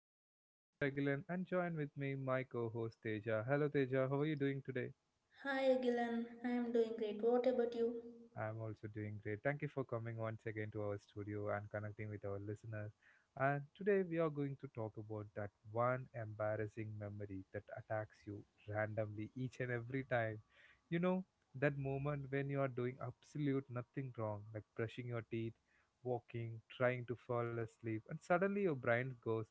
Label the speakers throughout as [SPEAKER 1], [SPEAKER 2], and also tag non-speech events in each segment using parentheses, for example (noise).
[SPEAKER 1] This is your host Agilan and join with me my co-host Teja. Hello Teja, how are you doing today?
[SPEAKER 2] Hi, Gilan. I am doing great. What about you?
[SPEAKER 1] I'm also doing great. Thank you for coming once again to our studio and connecting with our listeners. And today we are going to talk about that one embarrassing memory that attacks you randomly each and every time. You know, that moment when you are doing absolute nothing wrong, like brushing your teeth, walking, trying to fall asleep, and suddenly your brain goes,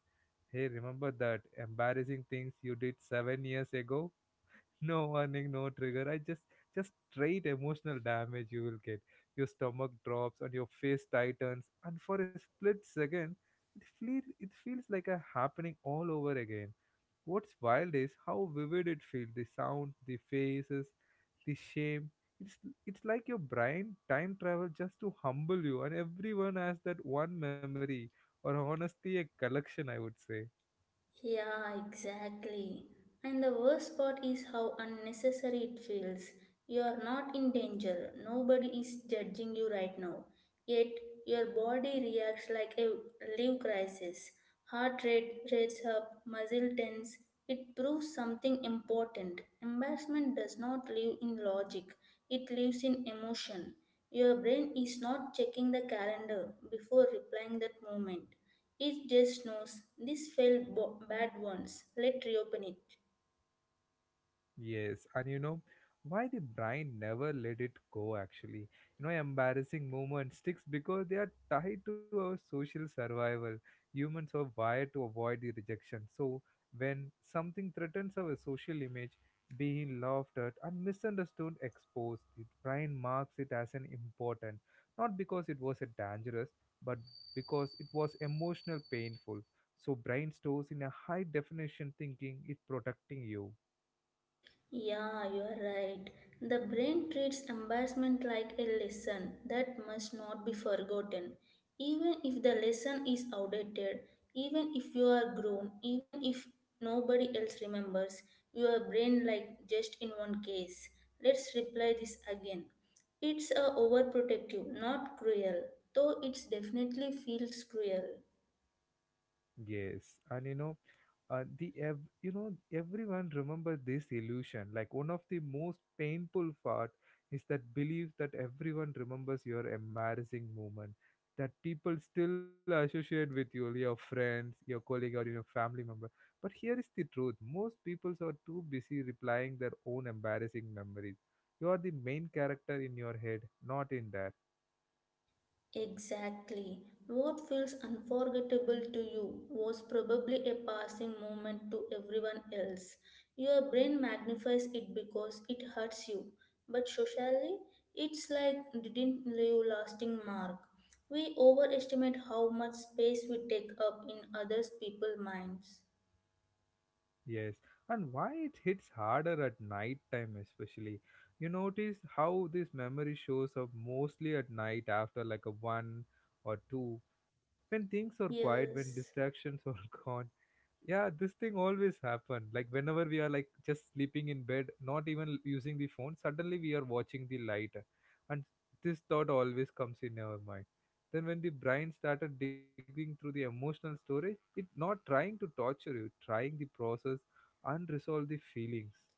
[SPEAKER 1] "Hey, remember that embarrassing things you did 7 years ago?" No warning, no trigger. I just straight emotional damage you will get. Your stomach drops and your face tightens, and for a split second, it feels like a happening all over again. What's wild is how vivid it feels. The sound, the faces, the shame. It's it's like your brain time travel just to humble you, and everyone has that one memory or honestly a collection. I would say.
[SPEAKER 2] Yeah, exactly. And the worst part is how unnecessary it feels. You are not in danger. Nobody is judging you right now. Yet, your body reacts like a live crisis. Heart rate rates up, muscle tense. It proves something important. Embarrassment does not live in logic, it lives in emotion. Your brain is not checking the calendar before replying that moment. It just knows this felt bad once. Let's reopen it.
[SPEAKER 1] Yes, and you know why the brain never let it go actually. You know, embarrassing moments sticks because they are tied to our social survival. Humans are wired to avoid the rejection. So when something threatens our social image, being laughed at and misunderstood, exposed, the brain marks it as an important, not because it was a dangerous, but because it was emotional painful. So brain stores in a high definition thinking it protecting you.
[SPEAKER 2] Yeah, you're right. The brain treats embarrassment like a lesson that must not be forgotten. Even if the lesson is outdated, even if you are grown, even if nobody else remembers, your brain like just in one case. Let's replay this again. It's a overprotective, not cruel, though it definitely feels cruel.
[SPEAKER 1] Yes, and you know, uh, the ev- you know everyone remember this illusion. Like one of the most painful part is that belief that everyone remembers your embarrassing moment that people still associate with you, your friends, your colleague, or your family member. But here is the truth: most people are too busy replying their own embarrassing memories. You are the main character in your head, not in theirs.
[SPEAKER 2] Exactly. What feels unforgettable to you was probably a passing moment to everyone else. Your brain magnifies it because it hurts you, but socially, it's like didn't leave lasting mark. We overestimate how much space we take up in others people's minds.
[SPEAKER 1] Yes, and why it hits harder at night time especially. You notice how this memory shows up mostly at night after like a one or two, when things are quiet, when
[SPEAKER 2] Yes.
[SPEAKER 1] distractions are (laughs) gone, yeah this thing always happen like whenever we are like just sleeping in bed not even using the phone suddenly we are watching the light and this thought always comes in our mind then when the brain started digging through the emotional storage it not trying to torture you trying the process and resolve the feelings.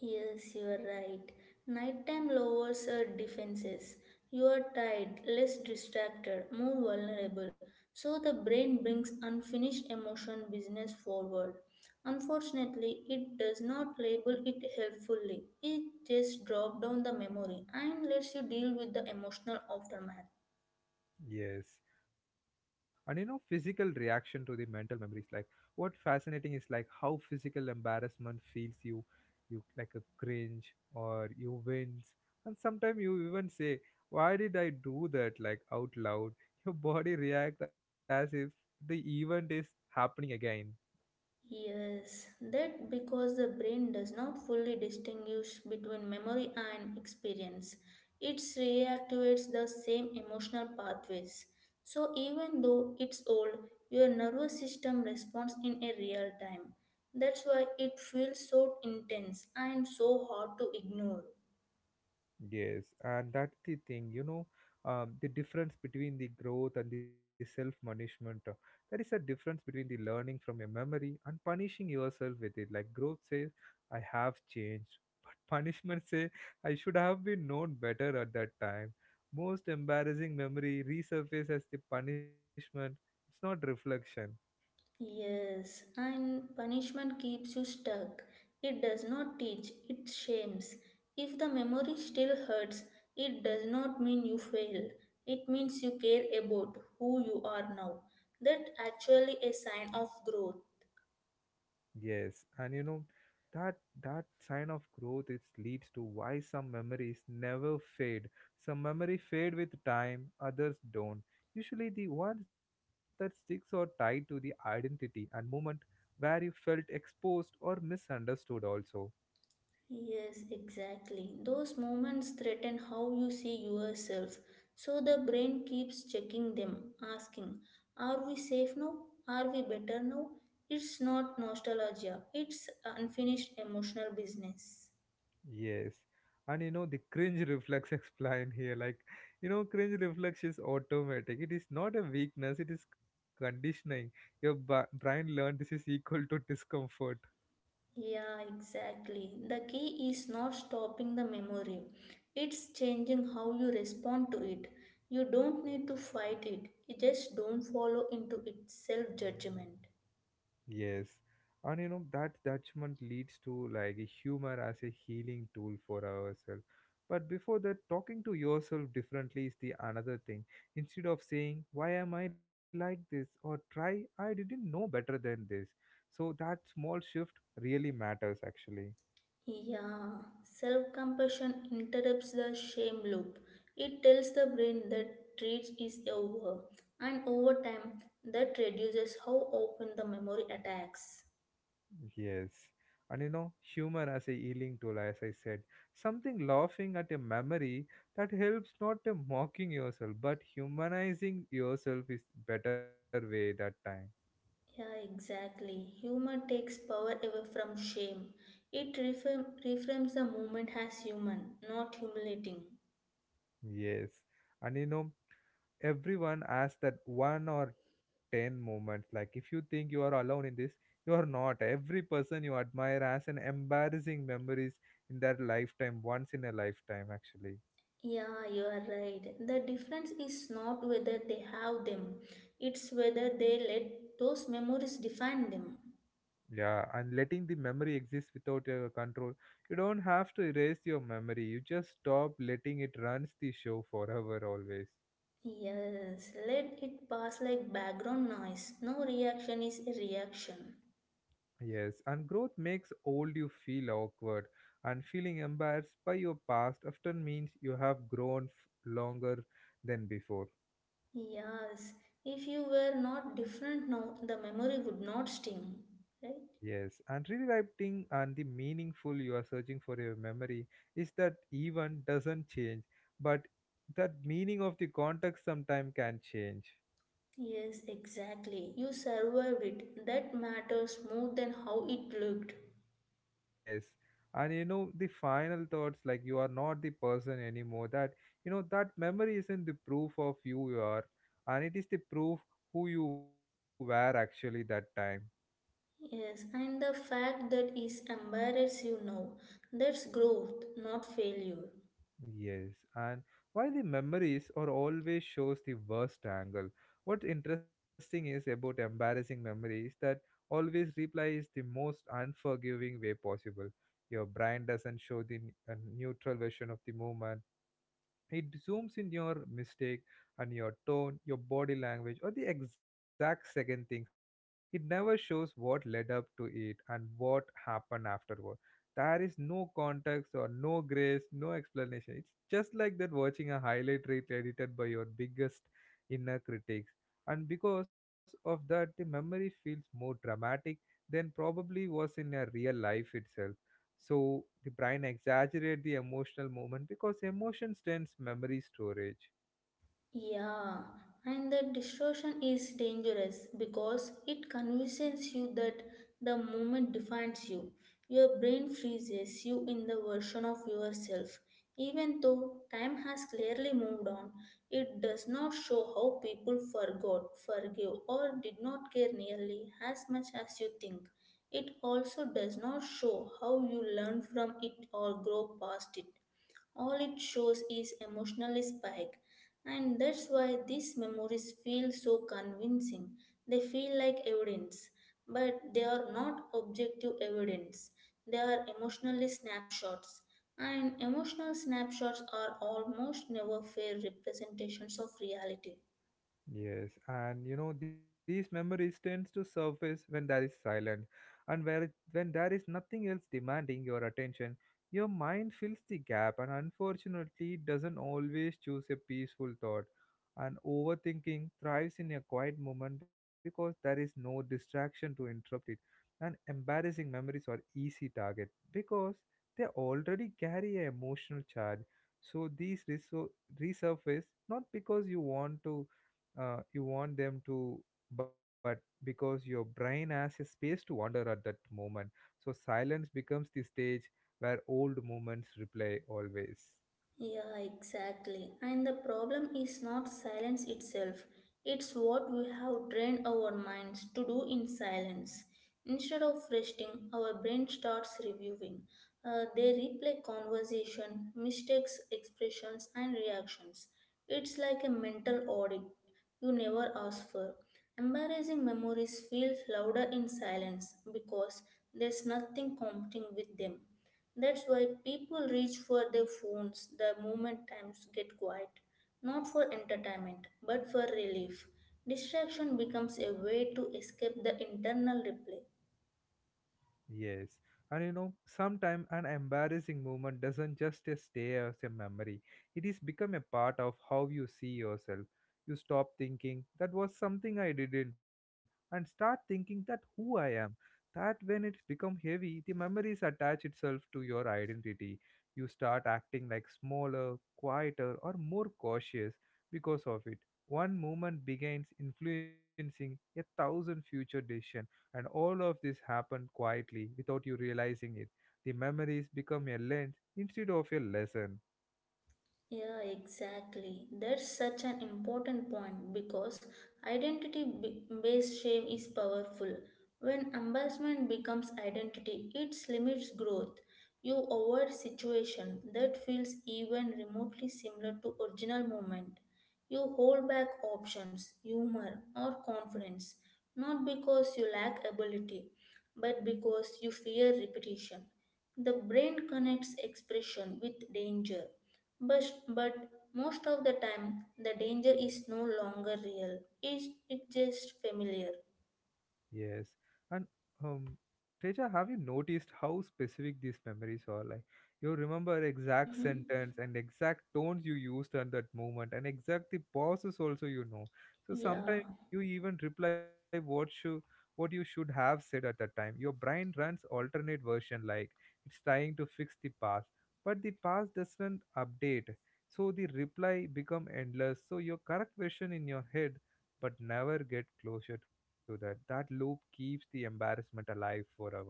[SPEAKER 2] Yes, you are right. Nighttime lowers our defenses. You are tired, less distracted, more vulnerable. So the brain brings unfinished emotion business forward. Unfortunately, it does not label it helpfully. It just drops down the memory and lets you deal with the emotional aftermath.
[SPEAKER 1] Yes. And you know, physical reaction to the mental memories. Like what fascinating is like how physical embarrassment feels you, you like a cringe or you wince. And sometimes you even say, "Why did I do that?" like out loud. Your body reacts as if the event is happening again.
[SPEAKER 2] Yes, that because the brain does not fully distinguish between memory and experience. It reactivates the same emotional pathways. So even though it's old, your nervous system responds in a real time. That's why it feels so intense and so hard to ignore.
[SPEAKER 1] Yes, and that's the thing, you know, the difference between the growth and the self-punishment. There is a difference between the learning from your memory and punishing yourself with it. Like growth says, "I have changed," (laughs) but punishment says, "I should have been known better at that time." Most embarrassing memory resurfaces as the punishment. It's not reflection.
[SPEAKER 2] Yes, and punishment keeps you stuck. It does not teach, it shames. If the memory still hurts, it does not mean you failed. It means you care about who you are now. That actually a sign of growth.
[SPEAKER 1] Yes, and you know that that sign of growth is leads to why some memories never fade. Some memory fade with time, others don't. Usually the ones that sticks are tied to the identity and moment where you felt exposed or misunderstood also.
[SPEAKER 2] Yes, exactly. Those moments threaten how you see yourself. So the brain keeps checking them, asking, are we safe now? Are we better now? It's not nostalgia, it's unfinished emotional business.
[SPEAKER 1] Yes. And you know the cringe reflex (laughs) explained here. Like you know, cringe reflex is automatic. It is not a weakness, it is conditioning. Your brain learned this is equal to discomfort.
[SPEAKER 2] Yeah, exactly. The key is not stopping the memory, it's changing how you respond to it. You don't need to fight it, you just don't follow into its self judgment.
[SPEAKER 1] Yes. And you know that judgment leads to like a humor as a healing tool for ourselves. But before that, talking to yourself differently is the another thing. Instead of saying, "Why am I like this?" or try, "I didn't know better than this." So that small shift really matters actually.
[SPEAKER 2] Yeah, self compassion interrupts the shame loop. It tells the brain that treat is over, and over time, that reduces how often the memory attacks.
[SPEAKER 1] Yes. And you know, humor as a healing tool, as I said, something laughing at a memory that helps not mocking yourself, but humanizing yourself is better way that time.
[SPEAKER 2] Yeah, exactly. Humor takes power away from shame. It reframes the moment as human, not humiliating.
[SPEAKER 1] Yes. And you know, everyone has that one or ten moments. Like if you think you are alone in this, you are not. Every person you admire has an embarrassing memories in their lifetime, once in a lifetime actually.
[SPEAKER 2] Yeah, you are right. The difference is not whether they have them, it's whether they let those memories define them.
[SPEAKER 1] Yeah, and letting the memory exist without your control. You don't have to erase your memory. You just stop letting it runs the show forever always.
[SPEAKER 2] Yes, let it pass like background noise. No reaction is a reaction.
[SPEAKER 1] Yes, and growth makes old you feel awkward and feeling embarrassed by your past often means you have longer than before.
[SPEAKER 2] Yes, if you were not different now, the memory would not sting. Right?
[SPEAKER 1] Yes, and rewriting and the meaningful you are searching for your memory is that even doesn't change, but that meaning of the context sometime can change.
[SPEAKER 2] Yes, exactly. You survived it. That matters more than how it looked.
[SPEAKER 1] Yes. And you know, the final thoughts like you are not the person anymore. That you know, that memory isn't the proof of who you are, and it is the proof who you were actually that time.
[SPEAKER 2] Yes, and the fact that it embarrasses you now, that's growth, not failure.
[SPEAKER 1] Yes. And why the memories are always shows the worst angle. What's interesting is about embarrassing memories that always replies the most unforgiving way possible. Your brain doesn't show a neutral version of the moment, it zooms in your mistake and your tone, your body language, or the exact second things went wrong. It never shows what led up to it and what happened afterward. There is no context or no grace, no explanation. It's just like that watching a highlight reel edited by your biggest inner critics, and because of that the memory feels more dramatic than probably was in a real life itself. So the brain exaggerates the emotional moment because emotions tends memory storage.
[SPEAKER 2] Yeah, and the distortion is dangerous because it convinces you that the moment defines you. Your brain freezes you in the version of yourself. Even though time has clearly moved on, it does not show how people forgot, forgive, or did not care nearly as much as you think. It also does not show how you learn from it or grow past it. All it shows is emotional spike, and that's why these memories feel so convincing. They feel like evidence, but they are not objective evidence. They are emotional snapshots, and emotional snapshots are almost never fair representations of reality.
[SPEAKER 1] Yes, and you know these memories tends to surface when there is silence, and where it, when there is nothing else demanding your attention, your mind fills the gap, and unfortunately, it doesn't always choose a peaceful thought. And overthinking thrives in a quiet moment because there is no distraction to interrupt it. And embarrassing memories are easy target because they already carry an emotional charge. So these resurface not because you want to you want them to, but because your brain has a space to wander at that moment, so silence becomes the stage where old moments replay always.
[SPEAKER 2] Yeah, exactly. And the problem is not silence itself, it's what we have trained our minds to do in silence. Instead of resting, our brain starts reviewing. They replay conversation, mistakes, expressions, and reactions. It's like a mental audit you never asked for. Embarrassing memories feel louder in silence because there's nothing competing with them. That's why people reach for their phones the moment times get quiet, not for entertainment, but for relief. Distraction becomes a way to escape the internal replay.
[SPEAKER 1] Yes, and you know, sometime an embarrassing moment doesn't just stay as a memory. It is become a part of how you see yourself. You stop thinking that was something I didn't, and start thinking that who I am. That when it's become heavy, the memories attach itself to your identity. You start acting like smaller, quieter, or more cautious because of it. One moment begins influencing a thousand future decisions, and all of this happened quietly without you realizing it. The memories become a lens instead of a lesson.
[SPEAKER 2] Yeah, exactly. That's such an important point because identity based shame is powerful. When embarrassment becomes identity, it limits growth. You avoid situation that feels even remotely similar to original moment. You hold back options, humor, or confidence, not because you lack ability, but because you fear repetition. The brain connects expression with danger. But most of the time, the danger is no longer real. It's just familiar.
[SPEAKER 1] Yes. And um Teja, have you noticed how specific these memories are? Like you remember exact
[SPEAKER 2] Mm-hmm.
[SPEAKER 1] sentence and exact tones you used at that moment and exact the pauses also you know. So
[SPEAKER 2] Yeah,
[SPEAKER 1] sometimes you even reply what you should have said at that time. Your brain runs alternate version like it's trying to fix the past. But the past doesn't update. So the reply become endless. So your correct version in your head but never get closure to that. That loop keeps the embarrassment alive forever.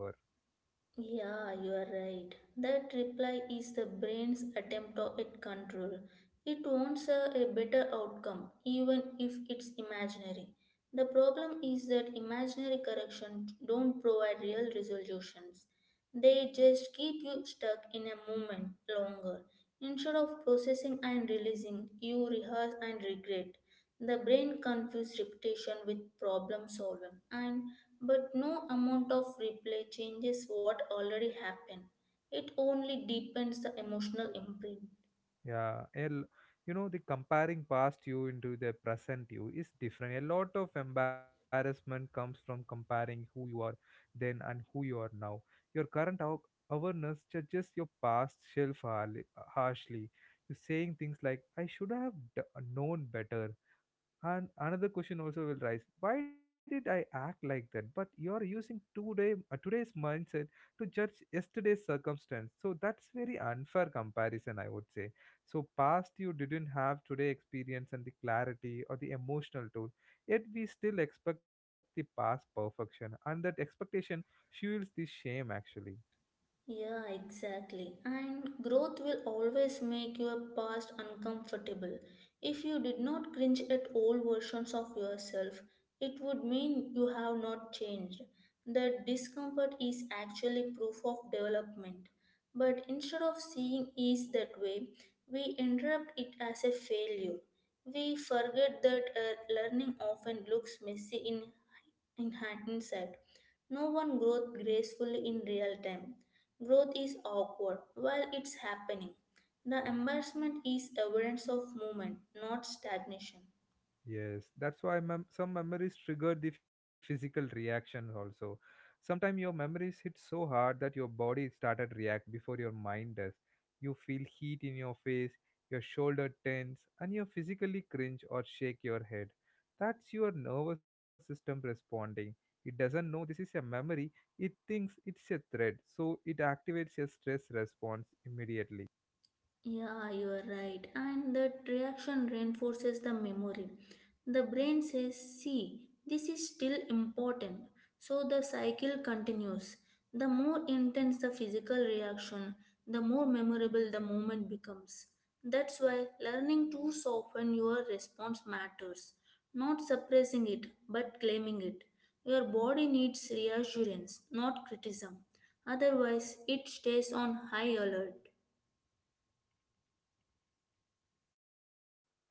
[SPEAKER 2] yeah, you are right. That reply is the brain's attempt at control. It wants a better outcome, even if it's imaginary. The problem is that imaginary corrections don't provide real resolutions. They just keep you stuck in a moment longer. Instead of processing and releasing, you rehearse and regret. The brain confuses repetition with problem solving, and but no amount of replay changes what already happened. It only deepens the emotional imprint.
[SPEAKER 1] Yeah, you know, the comparing past you into the present you is different. A lot of embarrassment comes from comparing who you are then and who you are now. Your current awareness judges your past self harshly. You're saying things like, "I should have known better." And another question also will rise. Why did I act like that? But you are using today's mindset to judge yesterday's circumstance. So that's very unfair comparison, I would say. So past you didn't have today experience and the clarity or the emotional tool. Yet we still expect the past perfection, and that expectation fuels the shame actually.
[SPEAKER 2] Yeah, exactly. And growth will always make your past uncomfortable. If you did not cringe at old versions of yourself, it would mean you have not changed. The discomfort is actually proof of development. But instead of seeing ease that way, we interrupt it as a failure. We forget that learning often looks messy in hindsight. No one grows gracefully in real time. Growth is awkward while it's happening. The embarrassment is evidence of movement, not stagnation.
[SPEAKER 1] Yes, that's why some memories trigger the physical reaction also. Sometimes your memories hit so hard that your body started react before your mind does. You feel heat in your face, your shoulder tense, and you physically cringe or shake your head. That's your nervous system responding. It doesn't know this is a memory, it thinks it's a threat, so it activates a stress response immediately.
[SPEAKER 2] Yeah, you are right. And that reaction reinforces the memory. The brain says, see, this is still important. So the cycle continues. The more intense the physical reaction, the more memorable the moment becomes. That's why learning to soften your response matters. Not suppressing it, but claiming it. Your body needs reassurance, not criticism. Otherwise, it stays on high alert.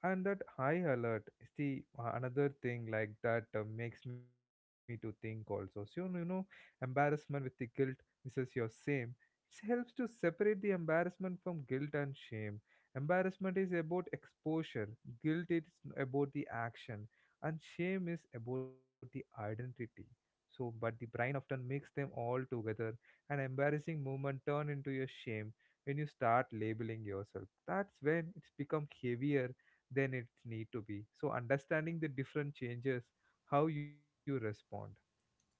[SPEAKER 1] And that high alert is the another thing like that makes me to think also, so embarrassment with the guilt versus your shame. It helps to separate the embarrassment from guilt and shame. Embarrassment is about exposure, guilt is about the action, and shame is about the identity. So but the brain often mix them all together. An embarrassing moment turn into your shame. When you start labeling yourself, that's when it's become heavier than it need to be. So understanding the different changes how you respond.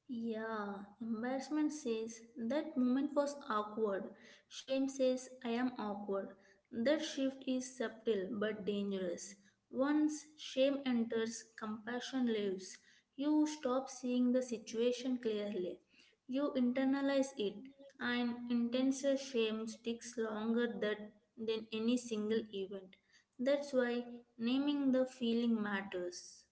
[SPEAKER 2] Yeah, embarrassment says that moment was awkward. Shame says I am awkward. That shift is subtle but dangerous. Once shame enters, compassion leaves. You stop seeing the situation clearly. You internalize it, and intense shame sticks longer than any single event. That's why naming the feeling matters.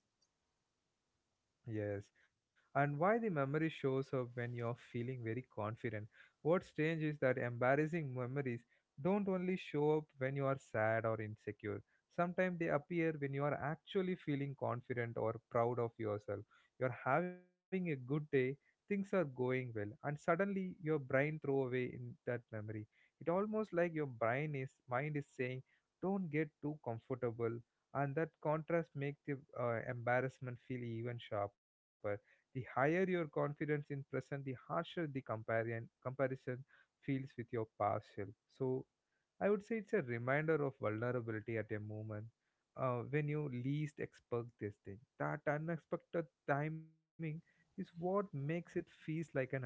[SPEAKER 1] Yes, and why the memory shows up when you're feeling very confident. What's strange is that embarrassing memories don't only show up when you are sad or insecure. Sometimes they appear when you are actually feeling confident or proud of yourself. You're having a good day, things are going well, and suddenly your brain throw away in that memory. It almost like your brain is mind is saying, "Don't get too comfortable," and that contrast make the embarrassment feel even sharper. The higher your confidence in present, the harsher the comparison feels with your past self. So I would say it's a reminder of vulnerability at a moment when you least expect this thing. That unexpected timing is what makes it feels like an attack.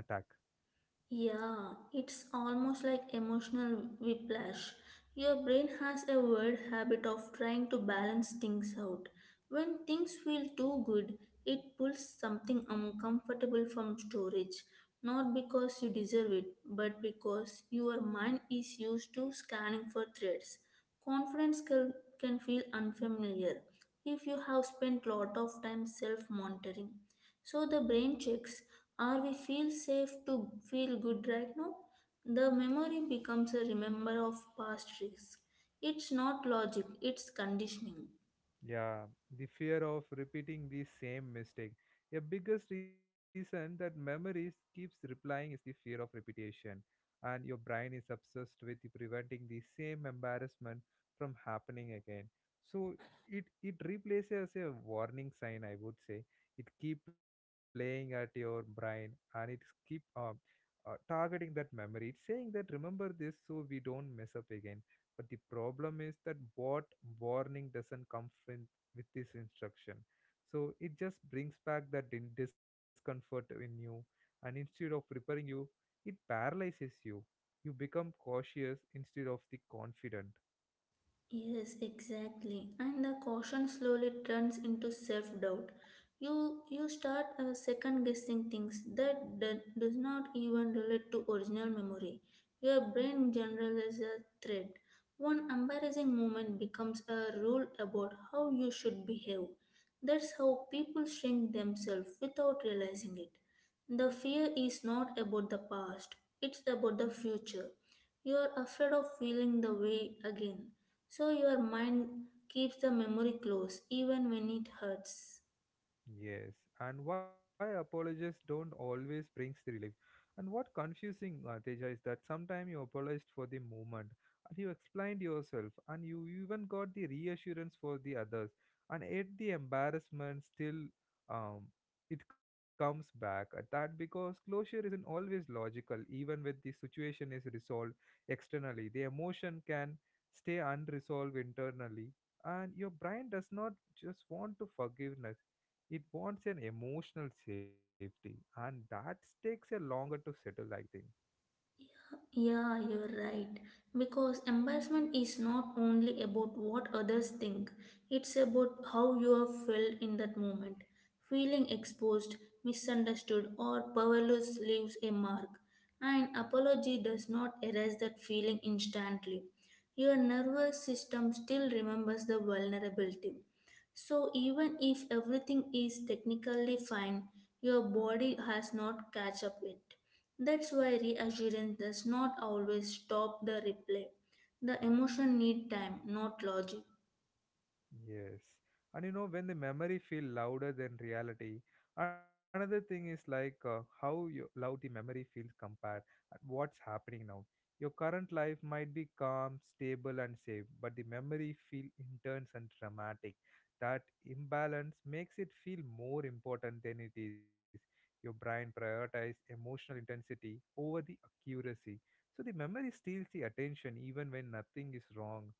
[SPEAKER 2] Yeah, it's almost like emotional whiplash. Your brain has a weird habit of trying to balance things out. When things feel too good, it pulls something uncomfortable from storage, not because you deserve it, but because your mind is used to scanning for threats. Confidence can feel unfamiliar if you have spent lot of time self monitoring. So the brain checks are we feel safe to feel good right now? The memory becomes a remember of past risks. It's not logic, it's conditioning.
[SPEAKER 1] Yeah, the fear of repeating the same mistake. A biggest reason that memories keeps replying is the fear of repetition, and your brain is obsessed with preventing the same embarrassment from happening again. So it replaces a warning sign, I would say. It keep playing at your brain, and it keep targeting that memory. It's saying that remember this so we don't mess up again. But the problem is that what warning doesn't come with this instruction. So it just brings back that discomfort in you, and instead of preparing you, it paralyzes you. You become cautious instead of the confident.
[SPEAKER 2] Yes, exactly. And the caution slowly turns into self-doubt. You start second guessing things that does not even relate to original memory. Your brain generalizes a thread. One embarrassing moment becomes a rule about how you should behave. That's how people shrink themselves without realizing it. The fear is not about the past, it's about the future. You are afraid of feeling the way again, so your mind keeps the memory close even when it hurts.
[SPEAKER 1] Yes, and why apologists don't always brings the relief. And what confusing, Teja, is that sometimes you apologized for the moment and you explained yourself and you even got the reassurance for the others, and yet the embarrassment still um, it comes back at that, because closure isn't always logical, even when the situation is resolved externally. The emotion can stay unresolved internally, and your brain does not just want to forgiveness, it wants an emotional safety, and that takes a longer to settle, I think.
[SPEAKER 2] Yeah, you're right. Because embarrassment is not only about what others think, it's about how you have felt in that moment. Feeling exposed, misunderstood, or powerless leaves a mark. An apology does not erase that feeling instantly. Your nervous system still remembers the vulnerability. So, even if everything is technically fine, your body has not catch up it. That's why reassurance does not always stop the replay. The emotion need time, not logic.
[SPEAKER 1] Yes. And you know, when the memory feel louder than reality, another thing is like how you, loud the memory feels compared and what's happening now. Your current life might be calm, stable, and safe, but the memory feel intense and dramatic. That imbalance makes it feel more important than it is. Your brain prioritizes emotional intensity over the accuracy. So the memory steals the attention even when nothing is wrong,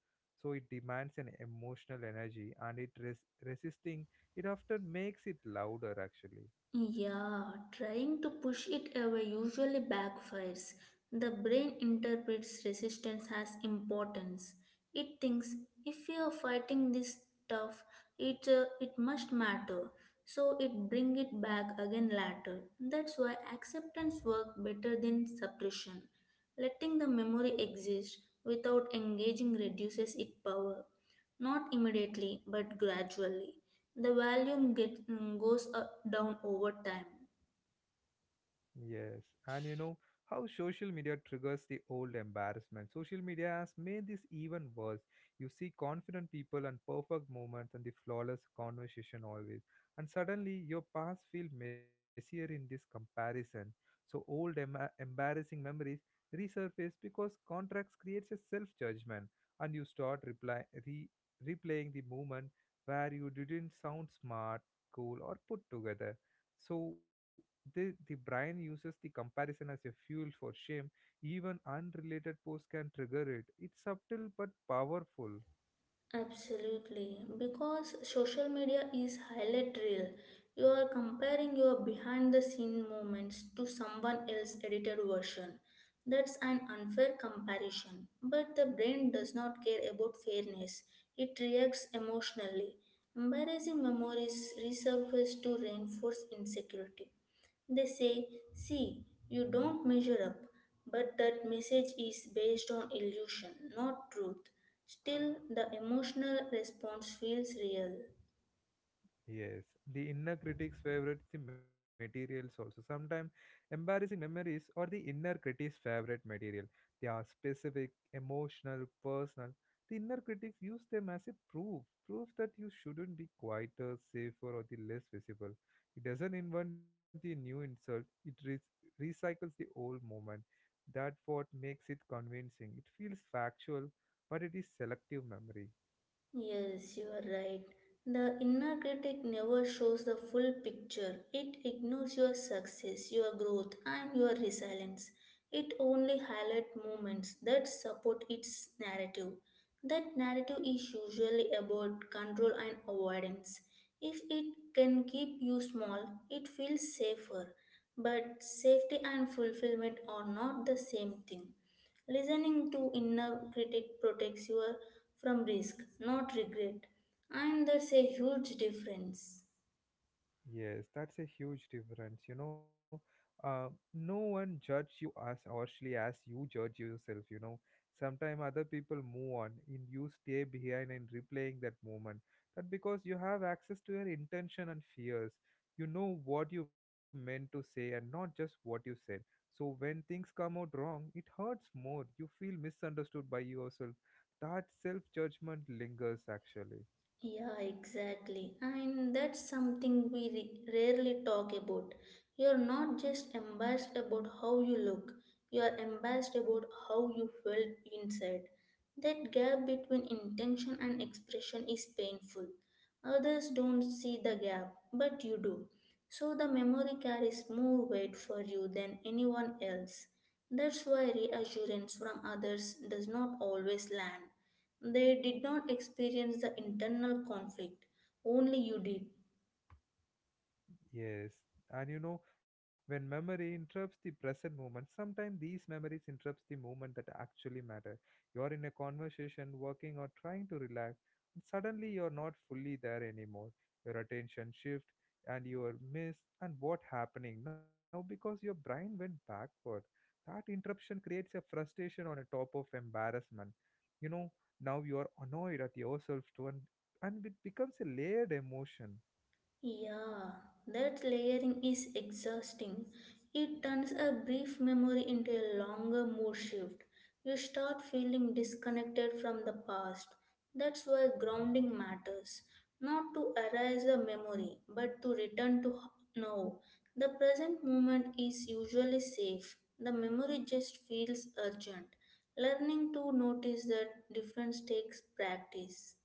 [SPEAKER 1] so it demands an emotional energy, and it resisting it often makes it louder actually.
[SPEAKER 2] Yeah, trying to push it away usually backfires. The brain interprets resistance as importance. It thinks if you are fighting this tough, it must matter. So it bring it back again later. That's why acceptance work better than suppression. Letting the memory exist without engaging reduces its power, not immediately but gradually. The volume goes up, down over time.
[SPEAKER 1] Yes, and you know how social media triggers the old embarrassment. Social media has made this even worse. You see confident people and perfect moments and the flawless conversation always, and suddenly your past feel messier in this comparison. So old embarrassing memories resurface because contracts creates a self-judgment, and you start replaying the moment where you didn't sound smart, cool, or put together. So the brain uses the comparison as a fuel for shame. Even unrelated posts can trigger it. It's subtle but powerful.
[SPEAKER 2] Absolutely, because social media is highlight reel. You are comparing your behind the scene moments to someone else's edited version. That's an unfair comparison. But the brain does not care about fairness, it reacts emotionally. Embarrassing memories resurface to reinforce insecurity. They say, see, you don't measure up, but that message is based on illusion, not truth. Still, the emotional response feels real.
[SPEAKER 1] Yes, the inner critic's favorite the materials also. Sometimes embarrassing memories or the inner critic's favorite material. They are specific, emotional, personal. The inner critic use them as a proof, proof that you shouldn't be quieter, safer, or the less visible. It doesn't invent the new insult. It recycles the old moment. That's what makes it convincing. It feels factual, but it is selective memory.
[SPEAKER 2] Yes, you are right. The inner critic never shows the full picture. It ignores your success, your growth, and your resilience. It only highlights moments that support its narrative. That narrative is usually about control and avoidance. If it can keep you small, it feels safer. But safety and fulfillment are not the same thing. Listening to inner critic protects you from risk, not regret, and that's a huge difference.
[SPEAKER 1] Yes, that's a huge difference, you know. No one judge you as harshly as you judge yourself, you know. Sometimes other people move on and you stay behind and replaying that moment. That because you have access to your intention and fears. You know what you meant to say and not just what you said. So when things come out wrong, it hurts more. You feel misunderstood by yourself. That self judgment lingers actually.
[SPEAKER 2] Yeah, exactly. And that's something we rarely talk about. You're not just embarrassed about how you look, you're embarrassed about how you felt inside. That gap between intention and expression is painful. Others don't see the gap, but you do. So the memory carries more weight for you than anyone else. That's why reassurance from others does not always land. They did not experience the internal conflict, only you did.
[SPEAKER 1] Yes, and you know, when memory interrupts the present moment, sometimes these memories interrupts the moment that actually matter. You are in a conversation, working or trying to relax, and suddenly you're not fully there anymore. Your attention shift and you are miss and what happening now, because your brain went backward. That interruption creates a frustration on a top of embarrassment. You know, now you are annoyed at yourself too, and it becomes a layered emotion.
[SPEAKER 2] Yeah, that layering is exhausting. It turns a brief memory into a longer mood shift. You start feeling disconnected from the past. That's why grounding matters. Not to erase a memory, but to return to now. The present moment is usually safe. The memory just feels urgent. Learning to notice that difference takes practice.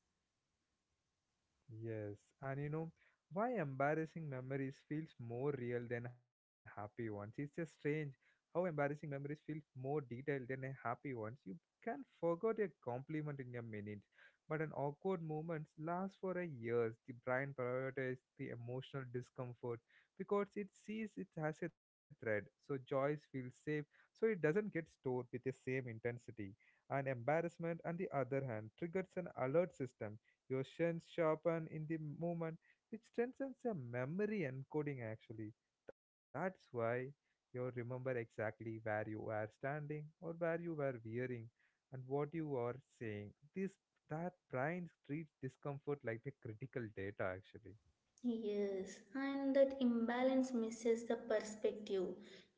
[SPEAKER 1] Yes, and you know why embarrassing memories feels more real than happy ones. It's just strange how embarrassing memories feel more detailed than a happy ones. You can forget a compliment in a minute, but an awkward moment lasts for a years. The brain prioritizes the emotional discomfort because it sees it as a threat. So joys feel safe, so it doesn't get stored with the same intensity. And embarrassment, on the other hand, triggers an alert system. Your sense sharpen in the moment, which strengthens your memory encoding actually. That's why you remember exactly where you were standing or where you were wearing and what you are saying. This that brain treats discomfort like a critical data actually.
[SPEAKER 2] Yes, and that imbalance misses the perspective.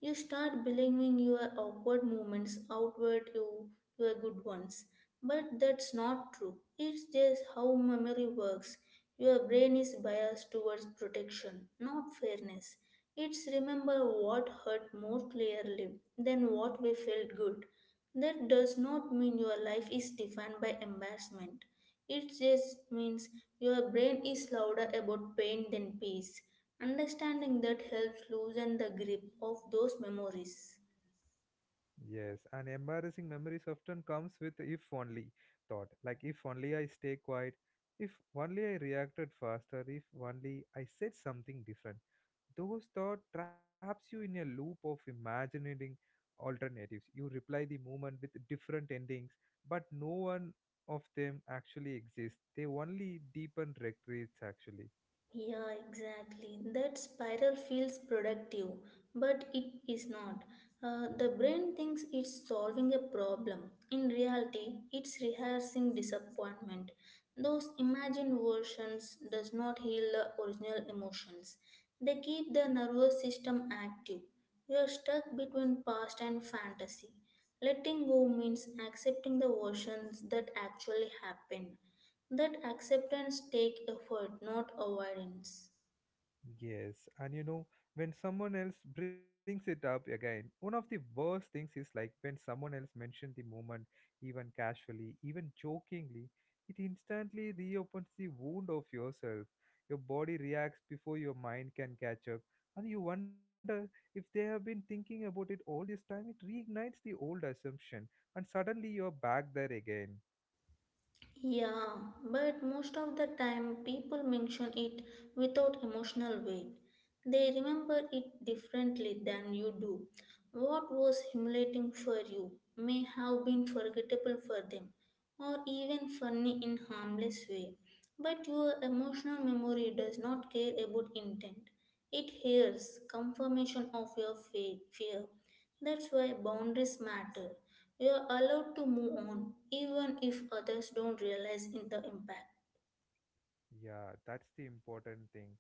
[SPEAKER 2] You start believing your awkward moments outweigh your good ones, but that's not true. It's just how memory works. Your brain is biased towards protection, not fairness. It's remember what hurt more clearly than what we felt good. That does not mean your life is defined by embarrassment. It just means your brain is louder about pain than peace. Understanding that helps loosen the grip of those memories.
[SPEAKER 1] Yes, and embarrassing memories often comes with if only thought. Like if only I stay quiet, if only I reacted faster, if only I said something different. Those thoughts traps you in a loop of imagining alternatives. You reply the moment with different endings, but no one of them actually exists. They only deepen regrets actually.
[SPEAKER 2] Yeah, exactly. That spiral feels productive, but it is not. The brain thinks it's solving a problem. In reality, it's rehearsing disappointment. Those imagined versions does not heal the original emotions. They keep the nervous system active. You are stuck between past and fantasy. Letting go means accepting the versions that actually happen. That acceptance take effort, not avoidance.
[SPEAKER 1] Yes, and you know, when someone else brings it up again, one of the worst things is like when someone else mentions the moment, even casually, even jokingly, it instantly reopens the wound of yourself. Your body reacts before your mind can catch up, and you wonder if they have been thinking about it all this time. It reignites the old assumption, and suddenly you're back there again.
[SPEAKER 2] Yeah, but most of the time people mention it without emotional weight. They remember it differently than you do. What was humiliating for you may have been forgettable for them or even funny in harmless way. But your emotional memory does not care about intent. It hears confirmation of your fear. That's why boundaries matter. You are allowed to move on, even if others don't realize in the impact.
[SPEAKER 1] Yeah, that's the important thing.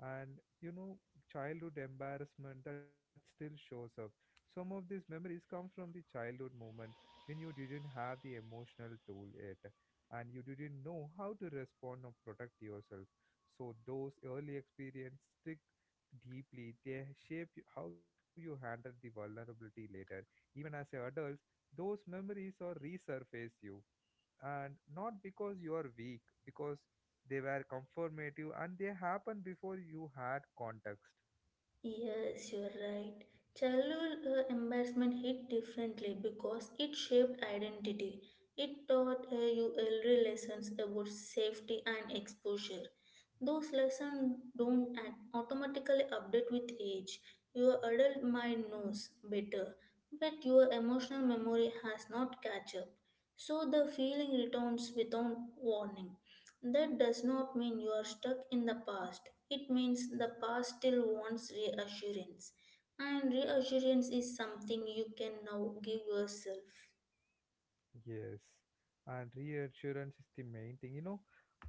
[SPEAKER 1] And you know, childhood embarrassment that still shows up. Some of these memories come from the childhood moment when you didn't have the emotional tool yet and you didn't know how to respond or protect yourself. So those early experiences stick deeply. They shape you- how you handle the vulnerability later. Even as adults, those memories are resurface you, and not because you are weak, because they were confirmative and they happened before you had context.
[SPEAKER 2] Yes, you're right. Childhood embarrassment hit differently because it shaped identity. It taught you early lessons about safety and exposure. Those lessons don't automatically update with age. Your adult mind knows better, but your emotional memory has not catch up. So the feeling returns without warning. That does not mean you are stuck in the past. It means the past still wants reassurance. And reassurance is something you can now give yourself.
[SPEAKER 1] Yes, and reassurance is the main thing. You know,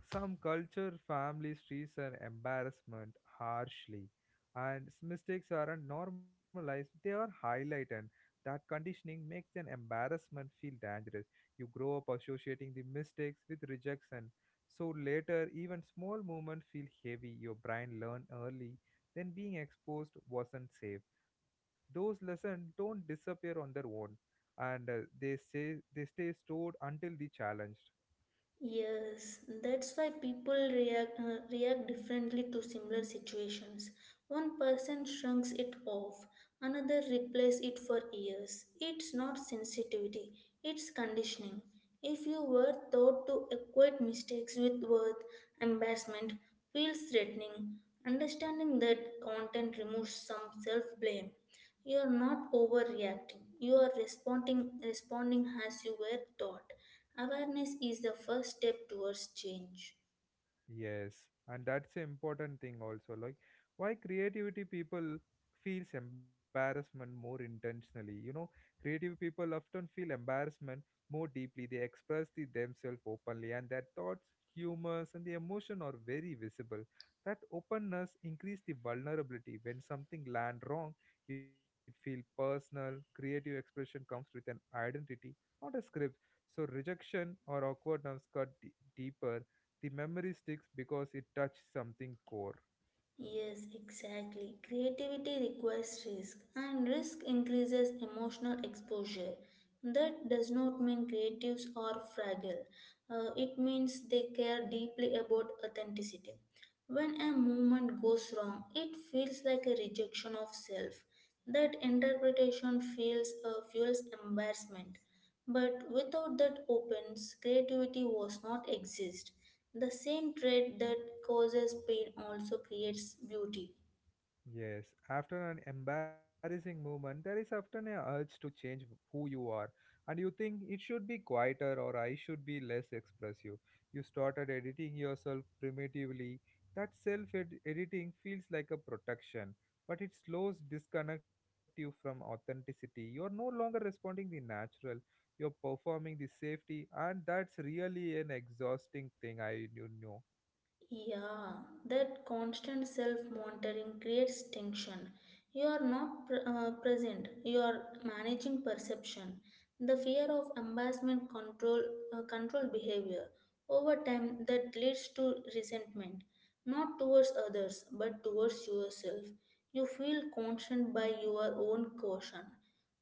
[SPEAKER 1] some culture families treats an embarrassment harshly, and mistakes aren't normalized; they are highlighted. That conditioning makes an embarrassment feel dangerous. You grow up associating the mistakes with rejection, so later even small movements feel heavy. Your brain learn early, then being exposed wasn't safe. Those lessons don't disappear on their own, and they say they stay stored until the challenged.
[SPEAKER 2] Yes, that's why people react, react differently to similar situations. One person shrugs it off, another replays it for years. It's not sensitivity, it's conditioning. If you were taught to equate mistakes with worth, embarrassment feels threatening. Understanding that content removes some self blame. You are not overreacting. You are responding as you were taught. Awareness is the first step towards change.
[SPEAKER 1] Yes, and that's an important thing also. Like, why creativity people feels embarrassment more intentionally. You know, creative people often feel embarrassment more deeply. They express the themselves openly, and their thoughts, humors, and the emotion are very visible. That openness increase the vulnerability. When something land wrong, it feel personal. Creative expression comes with an identity, not a script. So rejection or awkwardness cut deeper. The memory sticks because it touched something core.
[SPEAKER 2] Yes, exactly. Creativity requires risk, and risk increases emotional exposure. That does not mean creatives are fragile. It means they care deeply about authenticity. When a movement goes wrong, it feels like a rejection of self. That interpretation feels fuels embarrassment. But without that opens, creativity was not exist. The same trait that causes pain also creates beauty.
[SPEAKER 1] Yes, after an embarrassing moment, there is often an urge to change who you are, and you think it should be quieter or I should be less expressive. You started editing yourself primitively. That self editing feels like a protection, but it slows disconnect you from authenticity. You're no longer responding the natural, you're performing the safety, and that's really an exhausting thing. I, you know.
[SPEAKER 2] Yeah, that constant self monitoring creates tension. You are not present, you are managing perception. The fear of embarrassment control behavior. Over time that leads to resentment, not towards others but towards yourself. You feel constant by your own caution.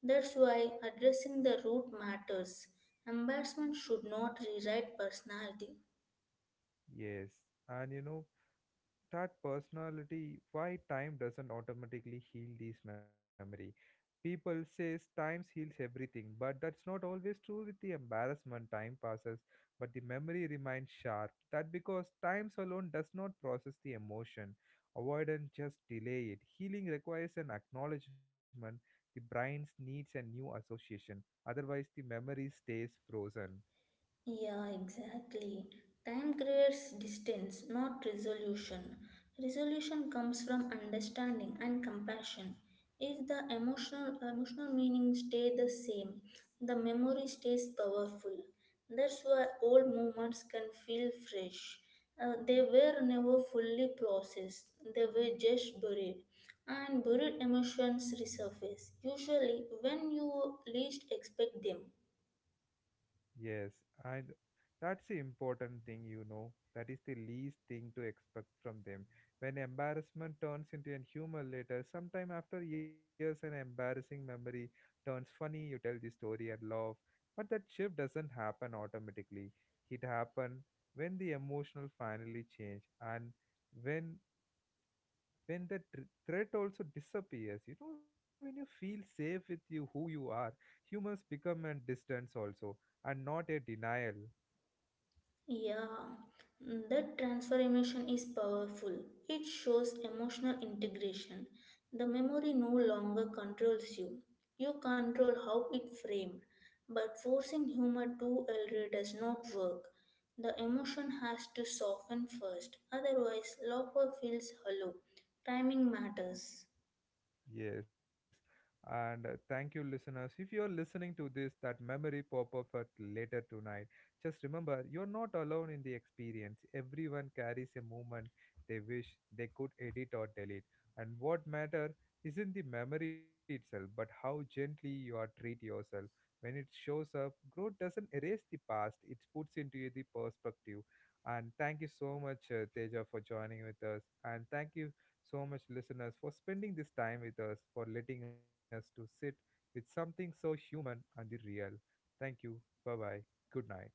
[SPEAKER 2] That's why addressing the root matters. Embarrassment should not rewrite personality.
[SPEAKER 1] Yes, and you know, that personality, why time doesn't automatically heal this memory. People says time heals everything, but that's not always true with the embarrassment. Time passes, but the memory remains sharp. That because times alone does not process the emotion. Avoidance just delay it. Healing requires an acknowledgement. The brain needs a new association. Otherwise the memory stays frozen.
[SPEAKER 2] Yeah, exactly. Time creates distance, not resolution. Resolution comes from understanding and compassion. If the emotional meaning stay the same, the memory stays powerful. That's why old moments can feel fresh. They were never fully processed. They were just buried, and buried emotions resurface usually when you least expect them.
[SPEAKER 1] Yes, and that's the important thing, you know. That is the least thing to expect from them. When embarrassment turns into a humor later, sometime after years, an embarrassing memory turns funny, you tell the story and laugh. But that shift doesn't happen automatically. It happens when the emotional finally change, and when when the threat also disappears. You know, when you feel safe with you who you are, humors become a distance also and not a denial.
[SPEAKER 2] Yeah, that transformation is powerful. It shows emotional integration. The memory no longer controls you. You control how it framed. But forcing humor too early does not work. The emotion has to soften first, otherwise laughter feels hollow. Timing matters.
[SPEAKER 1] Yes. And thank you, listeners. If you're listening to this, that memory pop up at later tonight, just remember you're not alone in the experience. Everyone carries a moment they wish they could edit or delete. And what matter isn't the memory itself, but how gently you are treat yourself. When it shows up, growth doesn't erase the past, it puts into the perspective. And thank you so much, Teja, for joining with us. And thank you so much listeners for spending this time with us, for letting us to sit with something so human and the real. Thank you. Bye bye. Good night.